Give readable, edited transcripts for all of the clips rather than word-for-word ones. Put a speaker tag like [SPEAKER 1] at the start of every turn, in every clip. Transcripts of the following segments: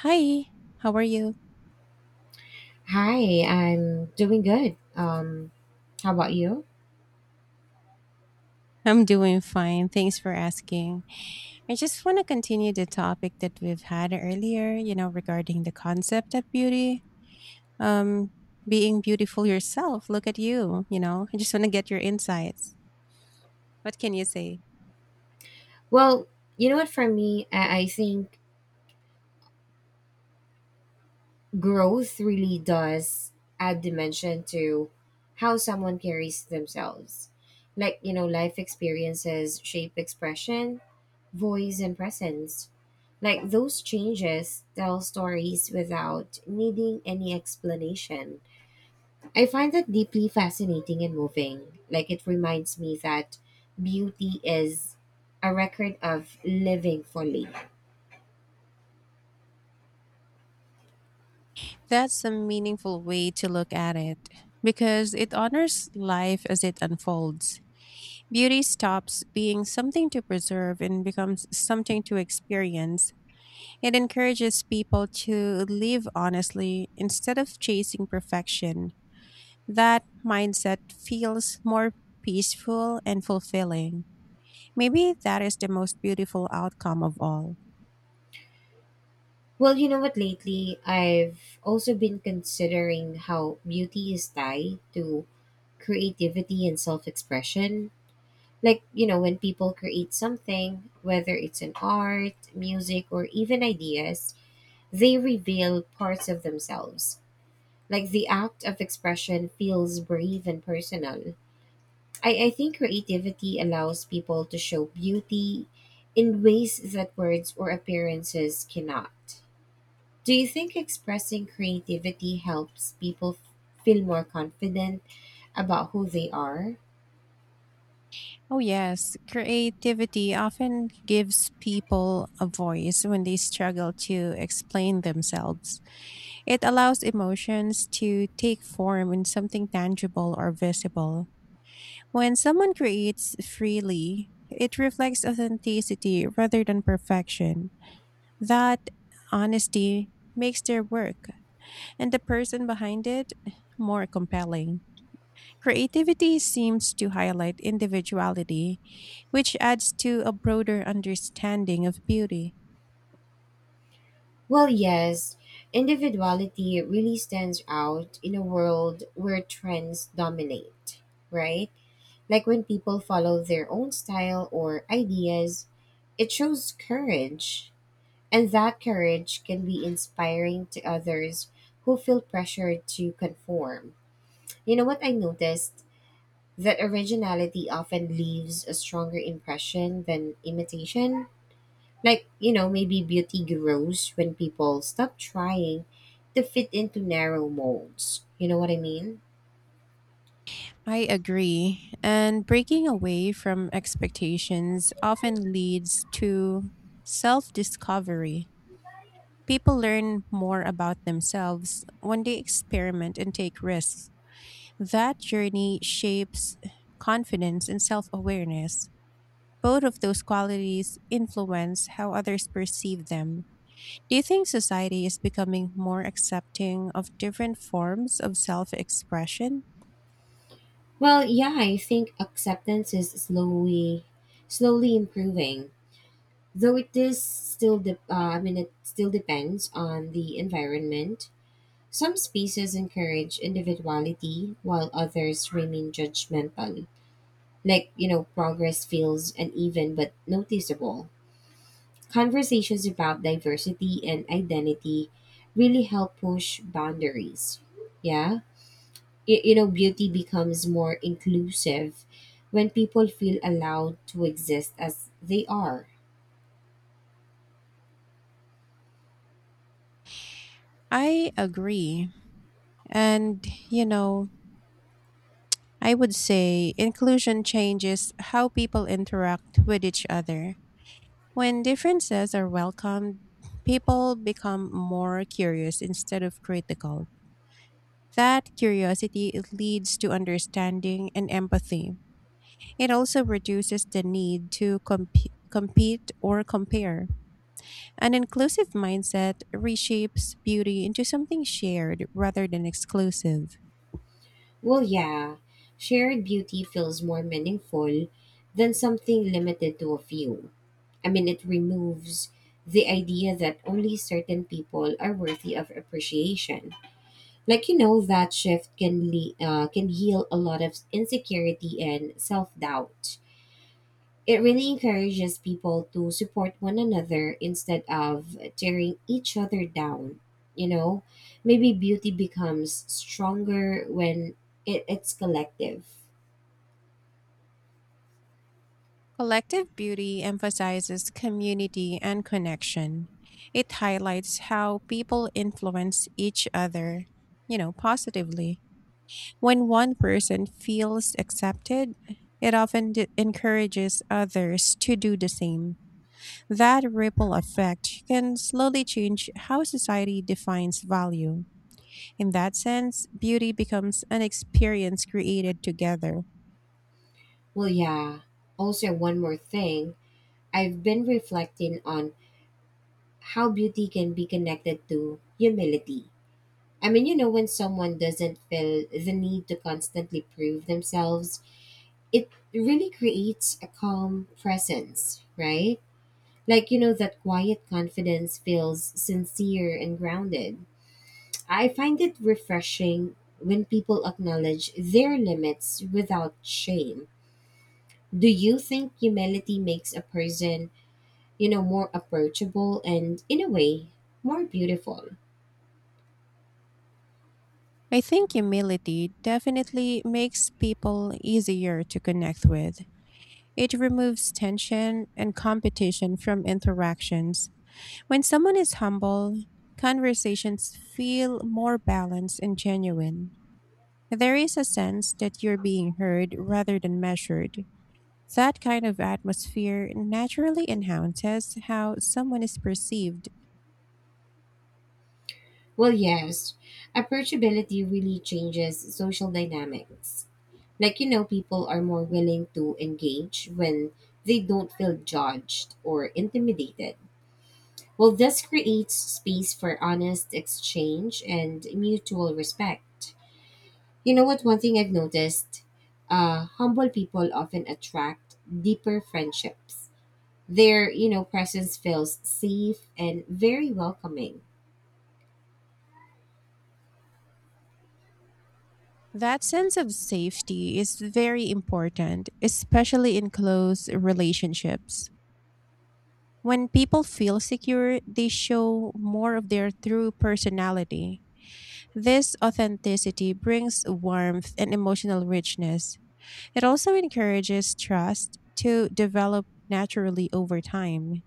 [SPEAKER 1] Hi, how are you?
[SPEAKER 2] Hi, I'm doing good. How about you?
[SPEAKER 1] I'm doing fine. Thanks for asking. I just want to continue the topic that we've had earlier, you know, regarding the concept of beauty. Um, Being beautiful yourself. Look at you, you know. I just want to get your insights. What can you say?
[SPEAKER 2] Well, you know what, for me, I think growth really does add dimension to how someone carries themselves. Like, you know, life experiences shape expression, voice, and presence. Like, those changes tell stories without needing any explanation. I find that deeply fascinating and moving. Like it reminds me that beauty is a record of living fully.
[SPEAKER 1] That's a meaningful way to look at it because it honors life as it unfolds. Beauty stops being something to preserve and becomes something to experience. It encourages people to live honestly instead of chasing perfection. That mindset feels more peaceful and fulfilling. Maybe that is the most beautiful outcome of all.
[SPEAKER 2] Well, you know what, lately I've also been considering how beauty is tied to creativity and self expression. Like, you know, when people create something, whether it's an art, music, or even ideas, they reveal parts of themselves. Like the act of expression feels brave and personal. I think creativity allows people to show beauty in ways that words or appearances cannot. Do you think expressing creativity helps people feel more confident about who they are?
[SPEAKER 1] Oh, yes, creativity often gives people a voice when they struggle to explain themselves. It allows emotions to take form in something tangible or visible. When someone creates freely, it reflects authenticity rather than perfection. That honesty makes their work and the person behind it more compelling. Creativity seems to highlight individuality, which adds to a broader understanding of beauty.
[SPEAKER 2] Well, yes, individuality really stands out in a world where trends dominate, right? Like when people follow their own style or ideas, it shows courage. And that courage can be inspiring to others who feel pressured to conform. You know what I noticed? That originality often leaves a stronger impression than imitation. Like, you know, maybe beauty grows when people stop trying to fit into narrow molds. You know what I mean?
[SPEAKER 1] I agree, and breaking away from expectations often leads to self discovery. People learn more about themselves when they experiment and take risks. That journey shapes confidence and self awareness. Both of those qualities influence how others perceive them. Do you think society is becoming more accepting of different forms of self expression?
[SPEAKER 2] Well, yeah, I think acceptance is slowly improving. Though it is still I mean it still depends on the environment. Some species encourage individuality while others remain judgmental. Like, you know, progress feels uneven but noticeable. Conversations about diversity and identity really help push boundaries. Yeah. You know, beauty becomes more inclusive when people feel allowed to exist as they are.
[SPEAKER 1] I agree. And, you know, I would say inclusion changes how people interact with each other. When differences are welcomed, people become more curious instead of critical. That curiosity leads to understanding and empathy. It also reduces the need to compete or compare. An inclusive mindset reshapes beauty into something shared rather than exclusive.
[SPEAKER 2] Well, yeah, shared beauty feels more meaningful than something limited to a few. I mean, it removes the idea that only certain people are worthy of appreciation. Like you know, that shift can heal a lot of insecurity and self doubt. It really encourages people to support one another instead of tearing each other down. You know, maybe beauty becomes stronger when it's collective.
[SPEAKER 1] Collective beauty emphasizes community and connection. It highlights how people influence each other, you know, positively. When one person feels accepted, it often encourages others to do the same. That ripple effect can slowly change how society defines value. In that sense, beauty becomes an experience created together.
[SPEAKER 2] Well, yeah. Also, one more thing I've been reflecting on how beauty can be connected to humility. I mean, you know, when someone doesn't feel the need to constantly prove themselves, it really creates a calm presence, right? Like, you know, that quiet confidence feels sincere and grounded. I find it refreshing when people acknowledge their limits without shame. Do you think humility makes a person, you know, more approachable and in a way more beautiful?
[SPEAKER 1] I think humility definitely makes people easier to connect with. It removes tension and competition from interactions. When someone is humble, conversations feel more balanced and genuine. There is a sense that you're being heard rather than measured. That kind of atmosphere naturally enhances how someone is perceived.
[SPEAKER 2] Well, yes. Approachability really changes social dynamics. Like, you know, people are more willing to engage when they don't feel judged or intimidated. Well, this creates space for honest exchange and mutual respect. You know what? One thing I've noticed, humble people often attract deeper friendships. Their, you know, presence feels safe and very welcoming.
[SPEAKER 1] That sense of safety is very important, especially in close relationships. When people feel secure, they show more of their true personality. This authenticity brings warmth and emotional richness. It also encourages trust to develop naturally over time.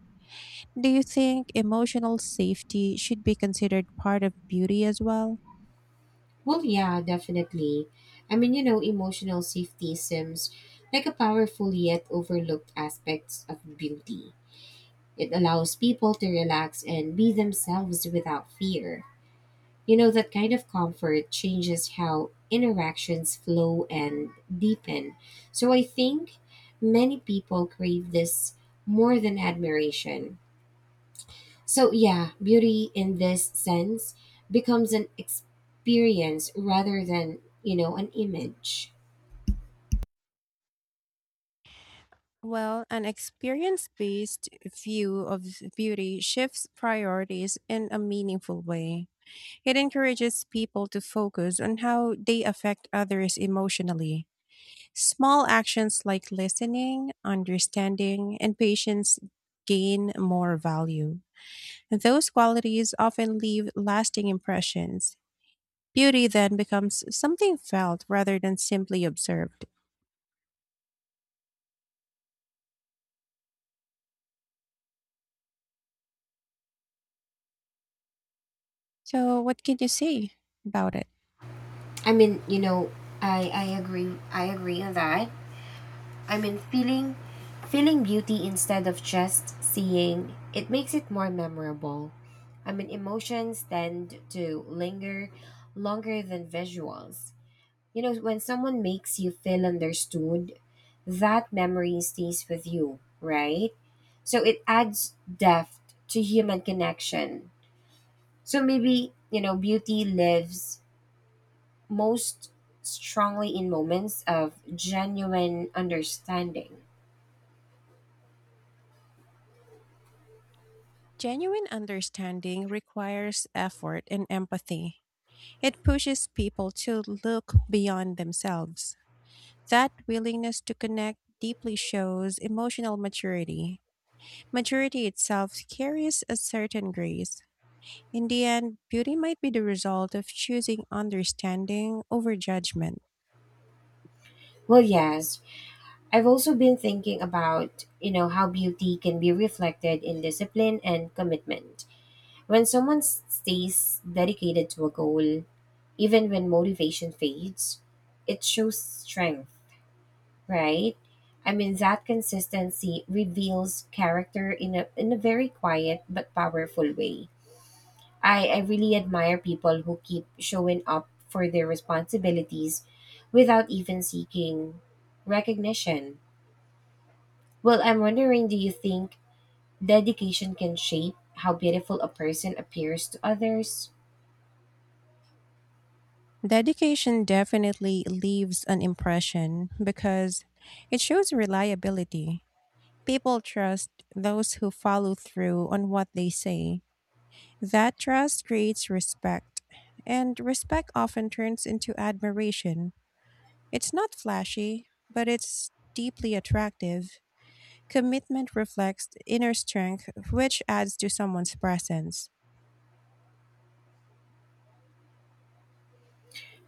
[SPEAKER 1] Do you think emotional safety should be considered part of beauty as well?
[SPEAKER 2] Well, yeah, definitely. I mean, you know, emotional safety seems like a powerful yet overlooked aspect of beauty. It allows people to relax and be themselves without fear. You know, that kind of comfort changes how interactions flow and deepen. So I think many people crave this more than admiration. So, yeah, beauty in this sense becomes an experience rather than, you know, an image.
[SPEAKER 1] Well, an experience based view of beauty shifts priorities in a meaningful way. It encourages people to focus on how they affect others emotionally. Small actions like listening, understanding, and patience gain more value. Those qualities often leave lasting impressions. Beauty then becomes something felt rather than simply observed. So, what can you say about it?
[SPEAKER 2] I mean, you know, I agree. I agree on that. I mean, feeling beauty instead of just seeing it makes it more memorable. I mean, emotions tend to linger longer than visuals. You know, when someone makes you feel understood, that memory stays with you, right? So it adds depth to human connection. So maybe, you know, beauty lives most strongly in moments of genuine understanding.
[SPEAKER 1] Genuine understanding requires effort and empathy. It pushes people to look beyond themselves. That willingness to connect deeply shows emotional maturity. Maturity itself carries a certain grace. In the end, beauty might be the result of choosing understanding over judgment.
[SPEAKER 2] Well, yes, I've also been thinking about, you know, how beauty can be reflected in discipline and commitment. When someone stays dedicated to a goal, even when motivation fades, it shows strength, right? I mean, that consistency reveals character in a very quiet but powerful way. I really admire people who keep showing up for their responsibilities without even seeking recognition. Well, I'm wondering, do you think dedication can shape how beautiful a person appears to others?
[SPEAKER 1] Dedication definitely leaves an impression because it shows reliability. People trust those who follow through on what they say. That trust creates respect, and respect often turns into admiration. It's not flashy, but it's deeply attractive. Commitment reflects inner strength, which adds to someone's presence.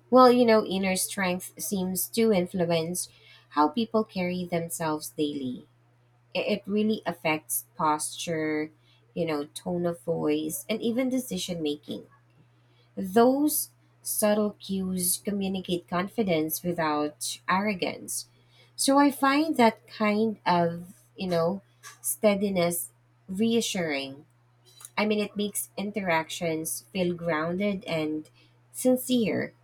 [SPEAKER 2] Well, you know, inner strength seems to influence how people carry themselves daily. It really affects posture, you know, tone of voice, and even decision making. Those subtle cues communicate confidence without arrogance. So I find that kind of, you know, steadiness reassuring. I mean, it makes interactions feel grounded and sincere.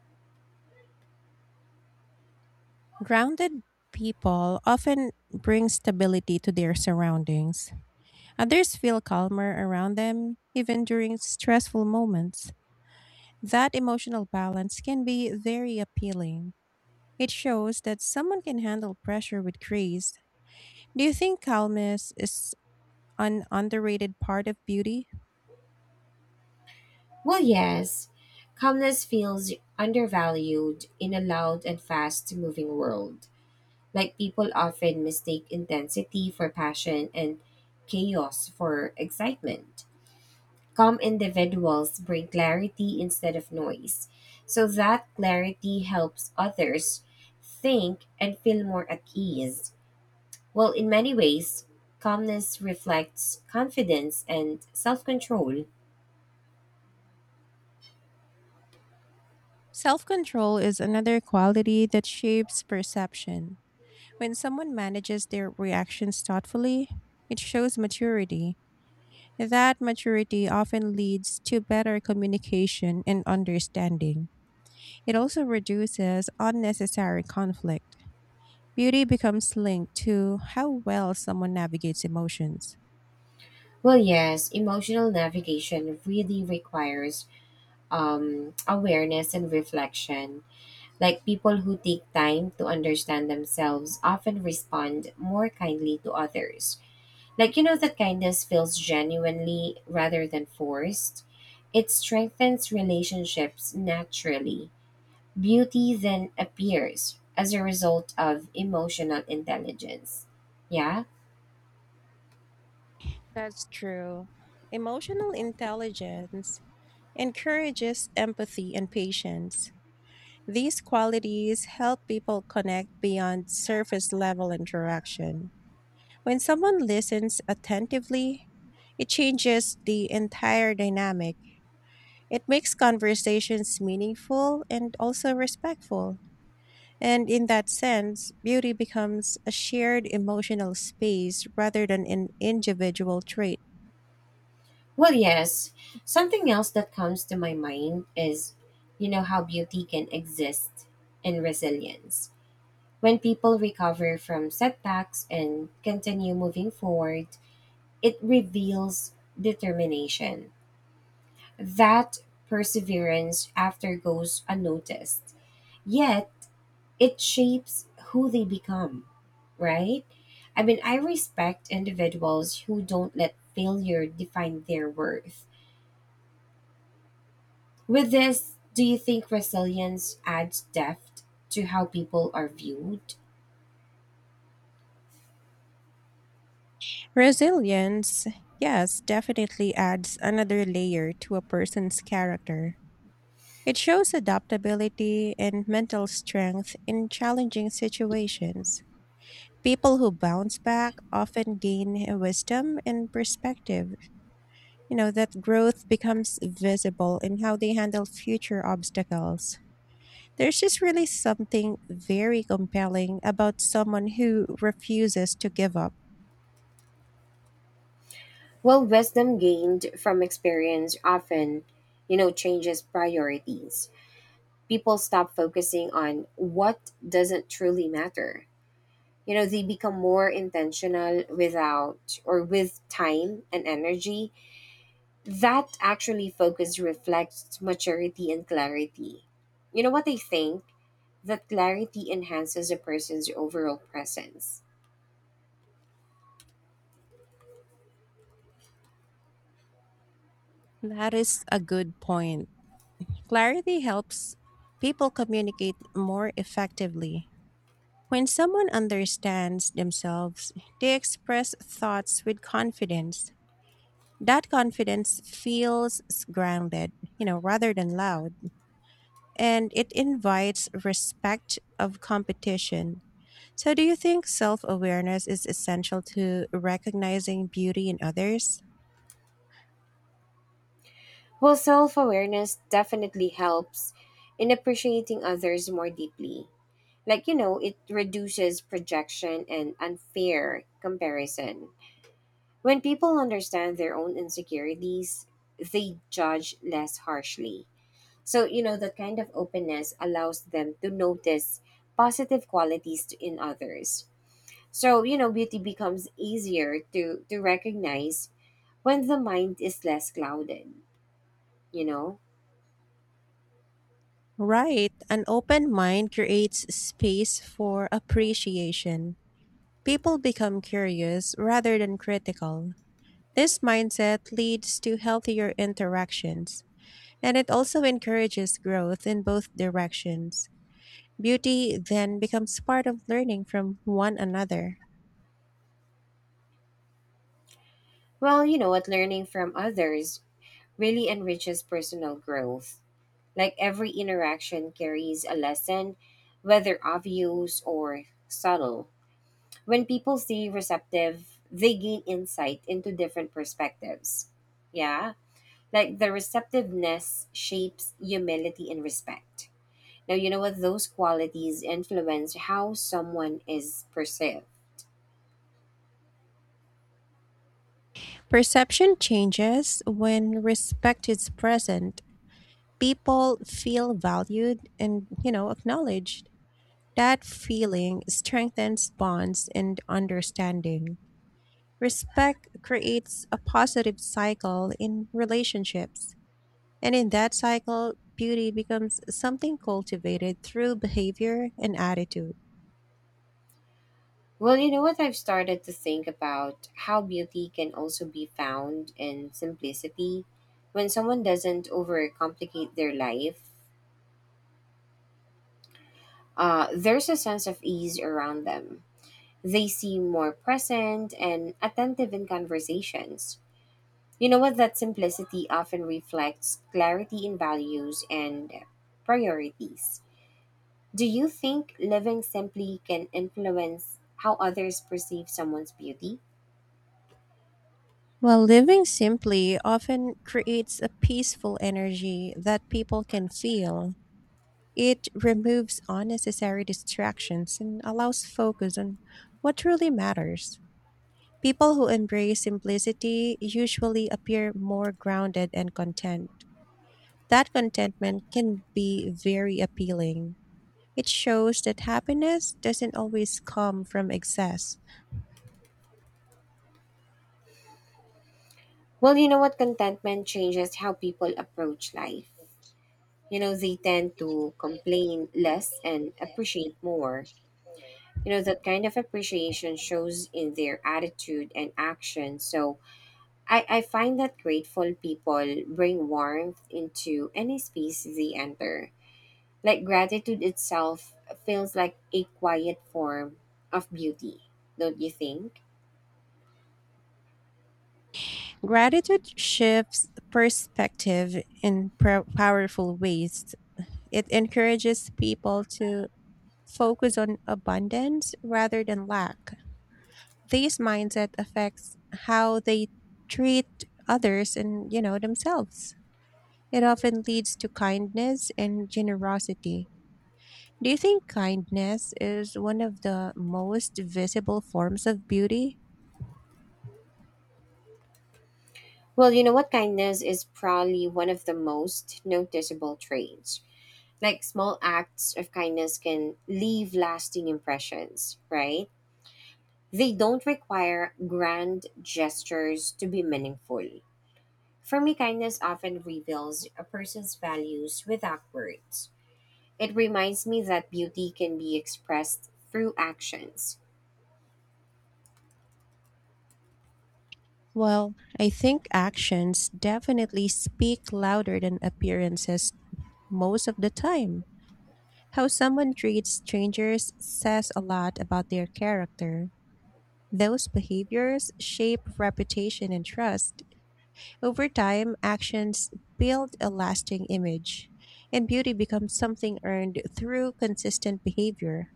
[SPEAKER 1] Grounded people often bring stability to their surroundings. Others feel calmer around them, even during stressful moments. That emotional balance can be very appealing. It shows that someone can handle pressure with grace. Do you think calmness is an underrated part of beauty?
[SPEAKER 2] Well, yes, calmness feels undervalued in a loud and fast moving world. Like, people often mistake intensity for passion and chaos for excitement. Calm individuals bring clarity instead of noise. So, that clarity helps others think and feel more at ease. Well, in many ways, calmness reflects confidence and self control.
[SPEAKER 1] Self control is another quality that shapes perception. When someone manages their reactions thoughtfully, it shows maturity. That maturity often leads to better communication and understanding. It also reduces unnecessary conflict. Beauty becomes linked to how well someone navigates emotions.
[SPEAKER 2] Well, yes, emotional navigation really requires awareness and reflection. Like people who take time to understand themselves often respond more kindly to others. Like, you know, that kindness feels genuinely rather than forced. It strengthens relationships naturally. Beauty then appears as a result of emotional intelligence. Yeah?
[SPEAKER 1] That's true. Emotional intelligence encourages empathy and patience. These qualities help people connect beyond surface level interaction. When someone listens attentively, it changes the entire dynamic. It makes conversations meaningful and also respectful. And in that sense, beauty becomes a shared emotional space rather than an individual trait.
[SPEAKER 2] Well, yes. Something else that comes to my mind is, you know, how beauty can exist in resilience. When people recover from setbacks and continue moving forward, it reveals determination. That perseverance after goes unnoticed. Yet, it shapes who they become, right? I mean, I respect individuals who don't let failure define their worth. With this, do you think resilience adds depth to how people are viewed?
[SPEAKER 1] Resilience, yes, definitely adds another layer to a person's character. It shows adaptability and mental strength in challenging situations. People who bounce back often gain wisdom and perspective. You know, that growth becomes visible in how they handle future obstacles. There's just really something very compelling about someone who refuses to give up.
[SPEAKER 2] Well, wisdom gained from experience often, you know, changes priorities. People stop focusing on what doesn't truly matter. You know, they become more intentional without or with time and energy that actually focus reflects maturity and clarity. You know what I think? That clarity enhances a person's overall presence.
[SPEAKER 1] That is a good point. Clarity helps people communicate more effectively. When someone understands themselves, they express thoughts with confidence. That confidence feels grounded, you know, rather than loud, and it invites respect of competition. So, do you think self awareness is essential to recognizing beauty in others?
[SPEAKER 2] Well, self awareness definitely helps in appreciating others more deeply. Like, you know, it reduces projection and unfair comparison. When people understand their own insecurities, they judge less harshly. So, you know, that kind of openness allows them to notice positive qualities in others. So, you know, beauty becomes easier to recognize when the mind is less clouded, you know?
[SPEAKER 1] Right. An open mind creates space for appreciation. People become curious rather than critical. This mindset leads to healthier interactions, and it also encourages growth in both directions. Beauty then becomes part of learning from one another.
[SPEAKER 2] Well, you know what, learning from others really enriches personal growth. Like every interaction carries a lesson, whether obvious or subtle. When people stay receptive, they gain insight into different perspectives. Yeah. Like the receptiveness shapes humility and respect. Now, you know what? Those qualities influence how someone is perceived.
[SPEAKER 1] Perception changes when respect is present. People feel valued and, you know, acknowledged. That feeling strengthens bonds and understanding. Respect creates a positive cycle in relationships. And in that cycle, beauty becomes something cultivated through behavior and attitude.
[SPEAKER 2] Well, you know what? I've started to think about how beauty can also be found in simplicity. When someone doesn't overcomplicate their life, there's a sense of ease around them. They seem more present and attentive in conversations. You know what? That simplicity often reflects clarity in values and priorities. Do you think living simply can influence how others perceive someone's beauty?
[SPEAKER 1] Well, living simply often creates a peaceful energy that people can feel. It removes unnecessary distractions and allows focus on what truly matters. People who embrace simplicity usually appear more grounded and content. That contentment can be very appealing. It shows that happiness doesn't always come from excess.
[SPEAKER 2] Well, you know what? Contentment changes how people approach life. You know, they tend to complain less and appreciate more. You know, that kind of appreciation shows in their attitude and action. So, I find that grateful people bring warmth into any space they enter. Like gratitude itself feels like a quiet form of beauty, don't you think?
[SPEAKER 1] Gratitude shifts perspective in powerful ways. It encourages people to focus on abundance rather than lack. This mindset affects how they treat others and, you know, themselves. It often leads to kindness and generosity. Do you think kindness is one of the most visible forms of beauty?
[SPEAKER 2] Well, you know what? Kindness is probably one of the most noticeable traits. Like small acts of kindness can leave lasting impressions, right? They don't require grand gestures to be meaningful. For me, kindness often reveals a person's values without words. It reminds me that beauty can be expressed through actions.
[SPEAKER 1] Well, I think actions definitely speak louder than appearances most of the time. How someone treats strangers says a lot about their character. Those behaviors shape reputation and trust. Over time, actions build a lasting image, and beauty becomes something earned through consistent behavior.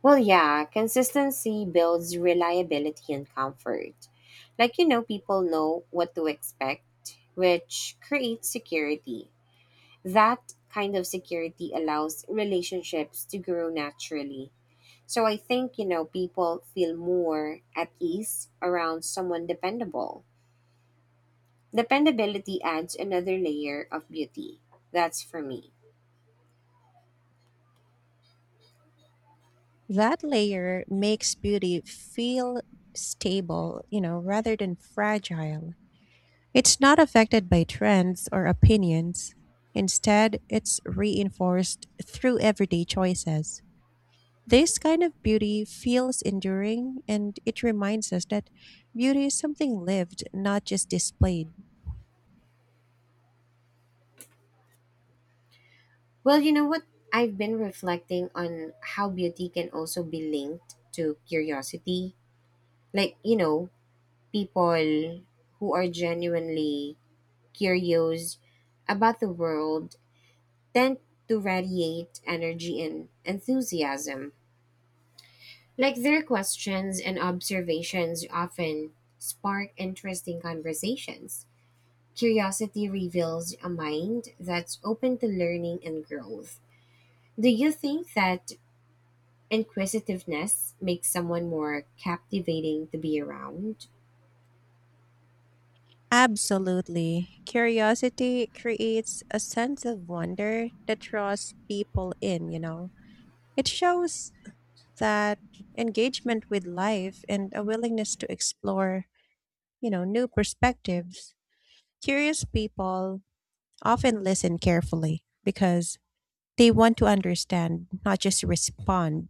[SPEAKER 2] Well, yeah, consistency builds reliability and comfort. Like, you know, people know what to expect, which creates security. That kind of security allows relationships to grow naturally. So I think, you know, people feel more at ease around someone dependable. Dependability adds another layer of beauty. That's for me.
[SPEAKER 1] That layer makes beauty feel stable, you know, rather than fragile. It's not affected by trends or opinions. Instead, it's reinforced through everyday choices. This kind of beauty feels enduring and it reminds us that beauty is something lived, not just displayed.
[SPEAKER 2] Well, you know what? I've been reflecting on how beauty can also be linked to curiosity. Like, you know, people who are genuinely curious about the world tend to radiate energy and enthusiasm. Like, their questions and observations often spark interesting conversations. Curiosity reveals a mind that's open to learning and growth. Do you think that inquisitiveness makes someone more captivating to be around?
[SPEAKER 1] Absolutely. Curiosity creates a sense of wonder that draws people in, you know. It shows that engagement with life and a willingness to explore, you know, new perspectives. Curious people often listen carefully because they want to understand, not just respond.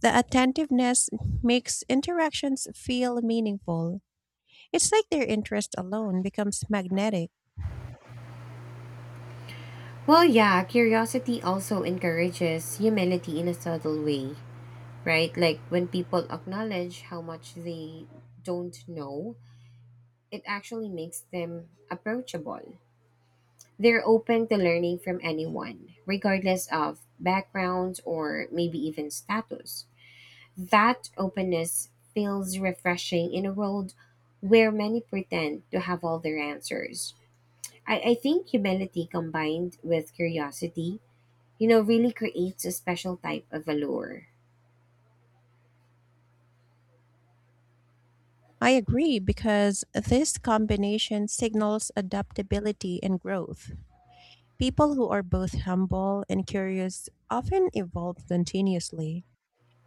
[SPEAKER 1] The attentiveness makes interactions feel meaningful. It's like their interest alone becomes magnetic.
[SPEAKER 2] Well, yeah, curiosity also encourages humility in a subtle way, right? Like when people acknowledge how much they don't know, it actually makes them approachable. They're open to learning from anyone, regardless of background or maybe even status. That openness feels refreshing in a world where many pretend to have all their answers. I think humility combined with curiosity, you know, really creates a special type of allure.
[SPEAKER 1] I agree because this combination signals adaptability and growth. People who are both humble and curious often evolve continuously.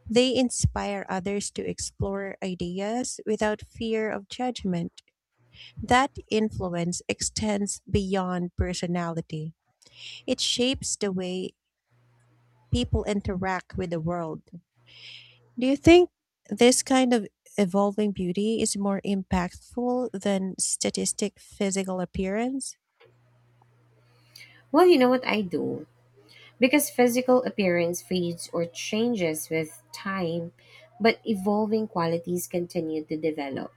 [SPEAKER 1] They inspire others to explore ideas without fear of judgment. That influence extends beyond personality. It shapes the way people interact with the world. Do you think this kind of evolving beauty is more impactful than statistic physical appearance?
[SPEAKER 2] Well, you know what I do? Because physical appearance fades or changes with time, but evolving qualities continue to develop.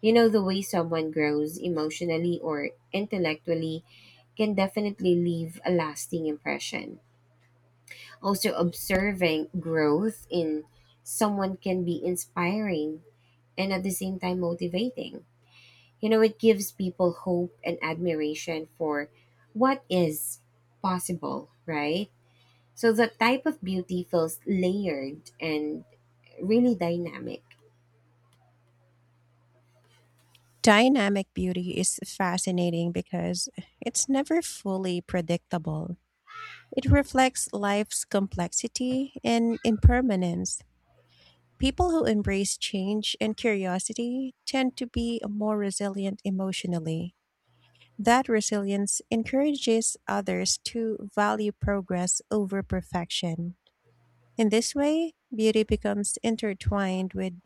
[SPEAKER 2] You know, the way someone grows emotionally or intellectually can definitely leave a lasting impression. Also, observing growth in someone can be inspiring and at the same time motivating. You know, it gives people hope and admiration for what is possible, right? So, the type of beauty feels layered and really dynamic.
[SPEAKER 1] Dynamic beauty is fascinating because it's never fully predictable. It reflects life's complexity and impermanence. People who embrace change and curiosity tend to be more resilient emotionally. That resilience encourages others to value progress over perfection. In this way, beauty becomes intertwined with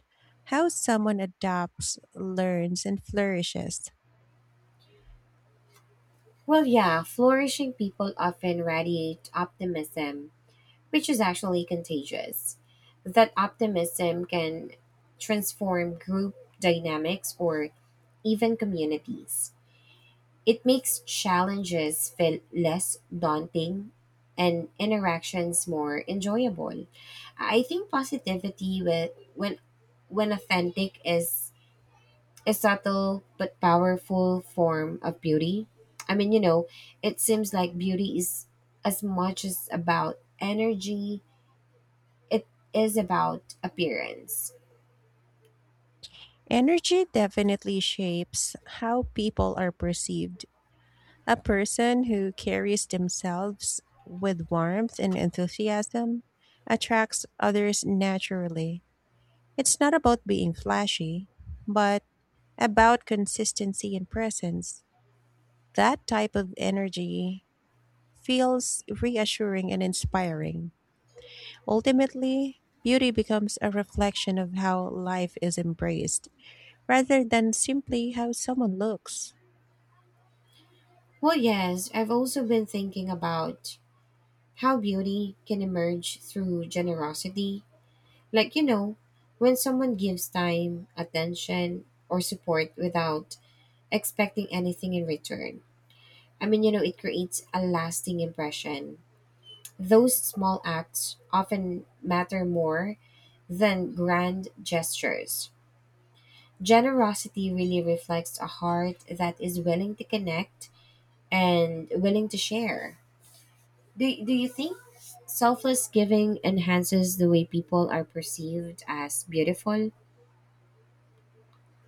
[SPEAKER 1] how someone adapts, learns, and flourishes.
[SPEAKER 2] Well, yeah, flourishing people often radiate optimism, which is actually contagious. That optimism can transform group dynamics or even communities. It makes challenges feel less daunting and interactions more enjoyable. I think positivity with, when authentic is a subtle but powerful form of beauty. I mean, you know, it seems like beauty is as much as about energy, it is about appearance.
[SPEAKER 1] Energy definitely shapes how people are perceived. A person who carries themselves with warmth and enthusiasm attracts others naturally. It's not about being flashy, but about consistency and presence. That type of energy feels reassuring and inspiring. Ultimately, beauty becomes a reflection of how life is embraced rather than simply how someone looks.
[SPEAKER 2] Well, yes, I've also been thinking about how beauty can emerge through generosity. Like, you know, when someone gives time, attention, or support without expecting anything in return. I mean, you know, it creates a lasting impression. Those small acts often matter more than grand gestures. Generosity really reflects a heart that is willing to connect and willing to share. Do you think selfless giving enhances the way people are perceived as beautiful?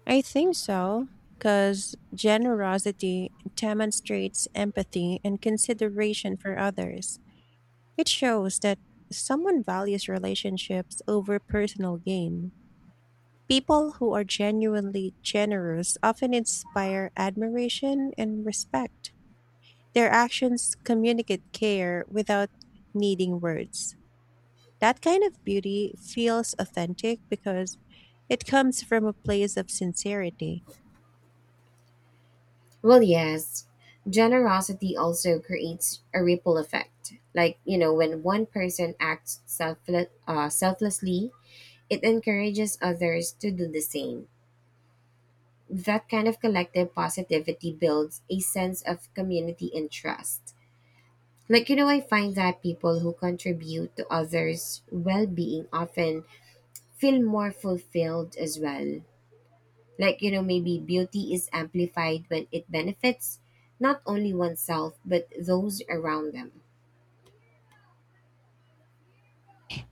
[SPEAKER 1] I think so, because generosity demonstrates empathy and consideration for others. It shows that someone values relationships over personal gain. People who are genuinely generous often inspire admiration and respect. Their actions communicate care without needing words. That kind of beauty feels authentic because it comes from a place of sincerity.
[SPEAKER 2] Well, yes. Generosity also creates a ripple effect. Like, you know, when one person acts selflessly, it encourages others to do the same. That kind of collective positivity builds a sense of community and trust. Like, you know, I find that people who contribute to others' well being often feel more fulfilled as well. Like, you know, maybe beauty is amplified when it benefits not only oneself, but those around them.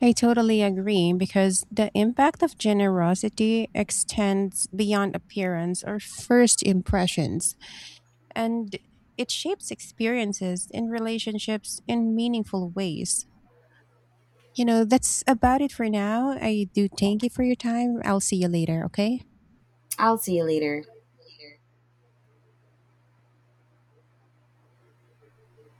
[SPEAKER 1] I totally agree because the impact of generosity extends beyond appearance or first impressions, and it shapes experiences in relationships in meaningful ways. You know, that's about it for now. I do thank you for your time. I'll see you later, okay?
[SPEAKER 2] I'll see you later.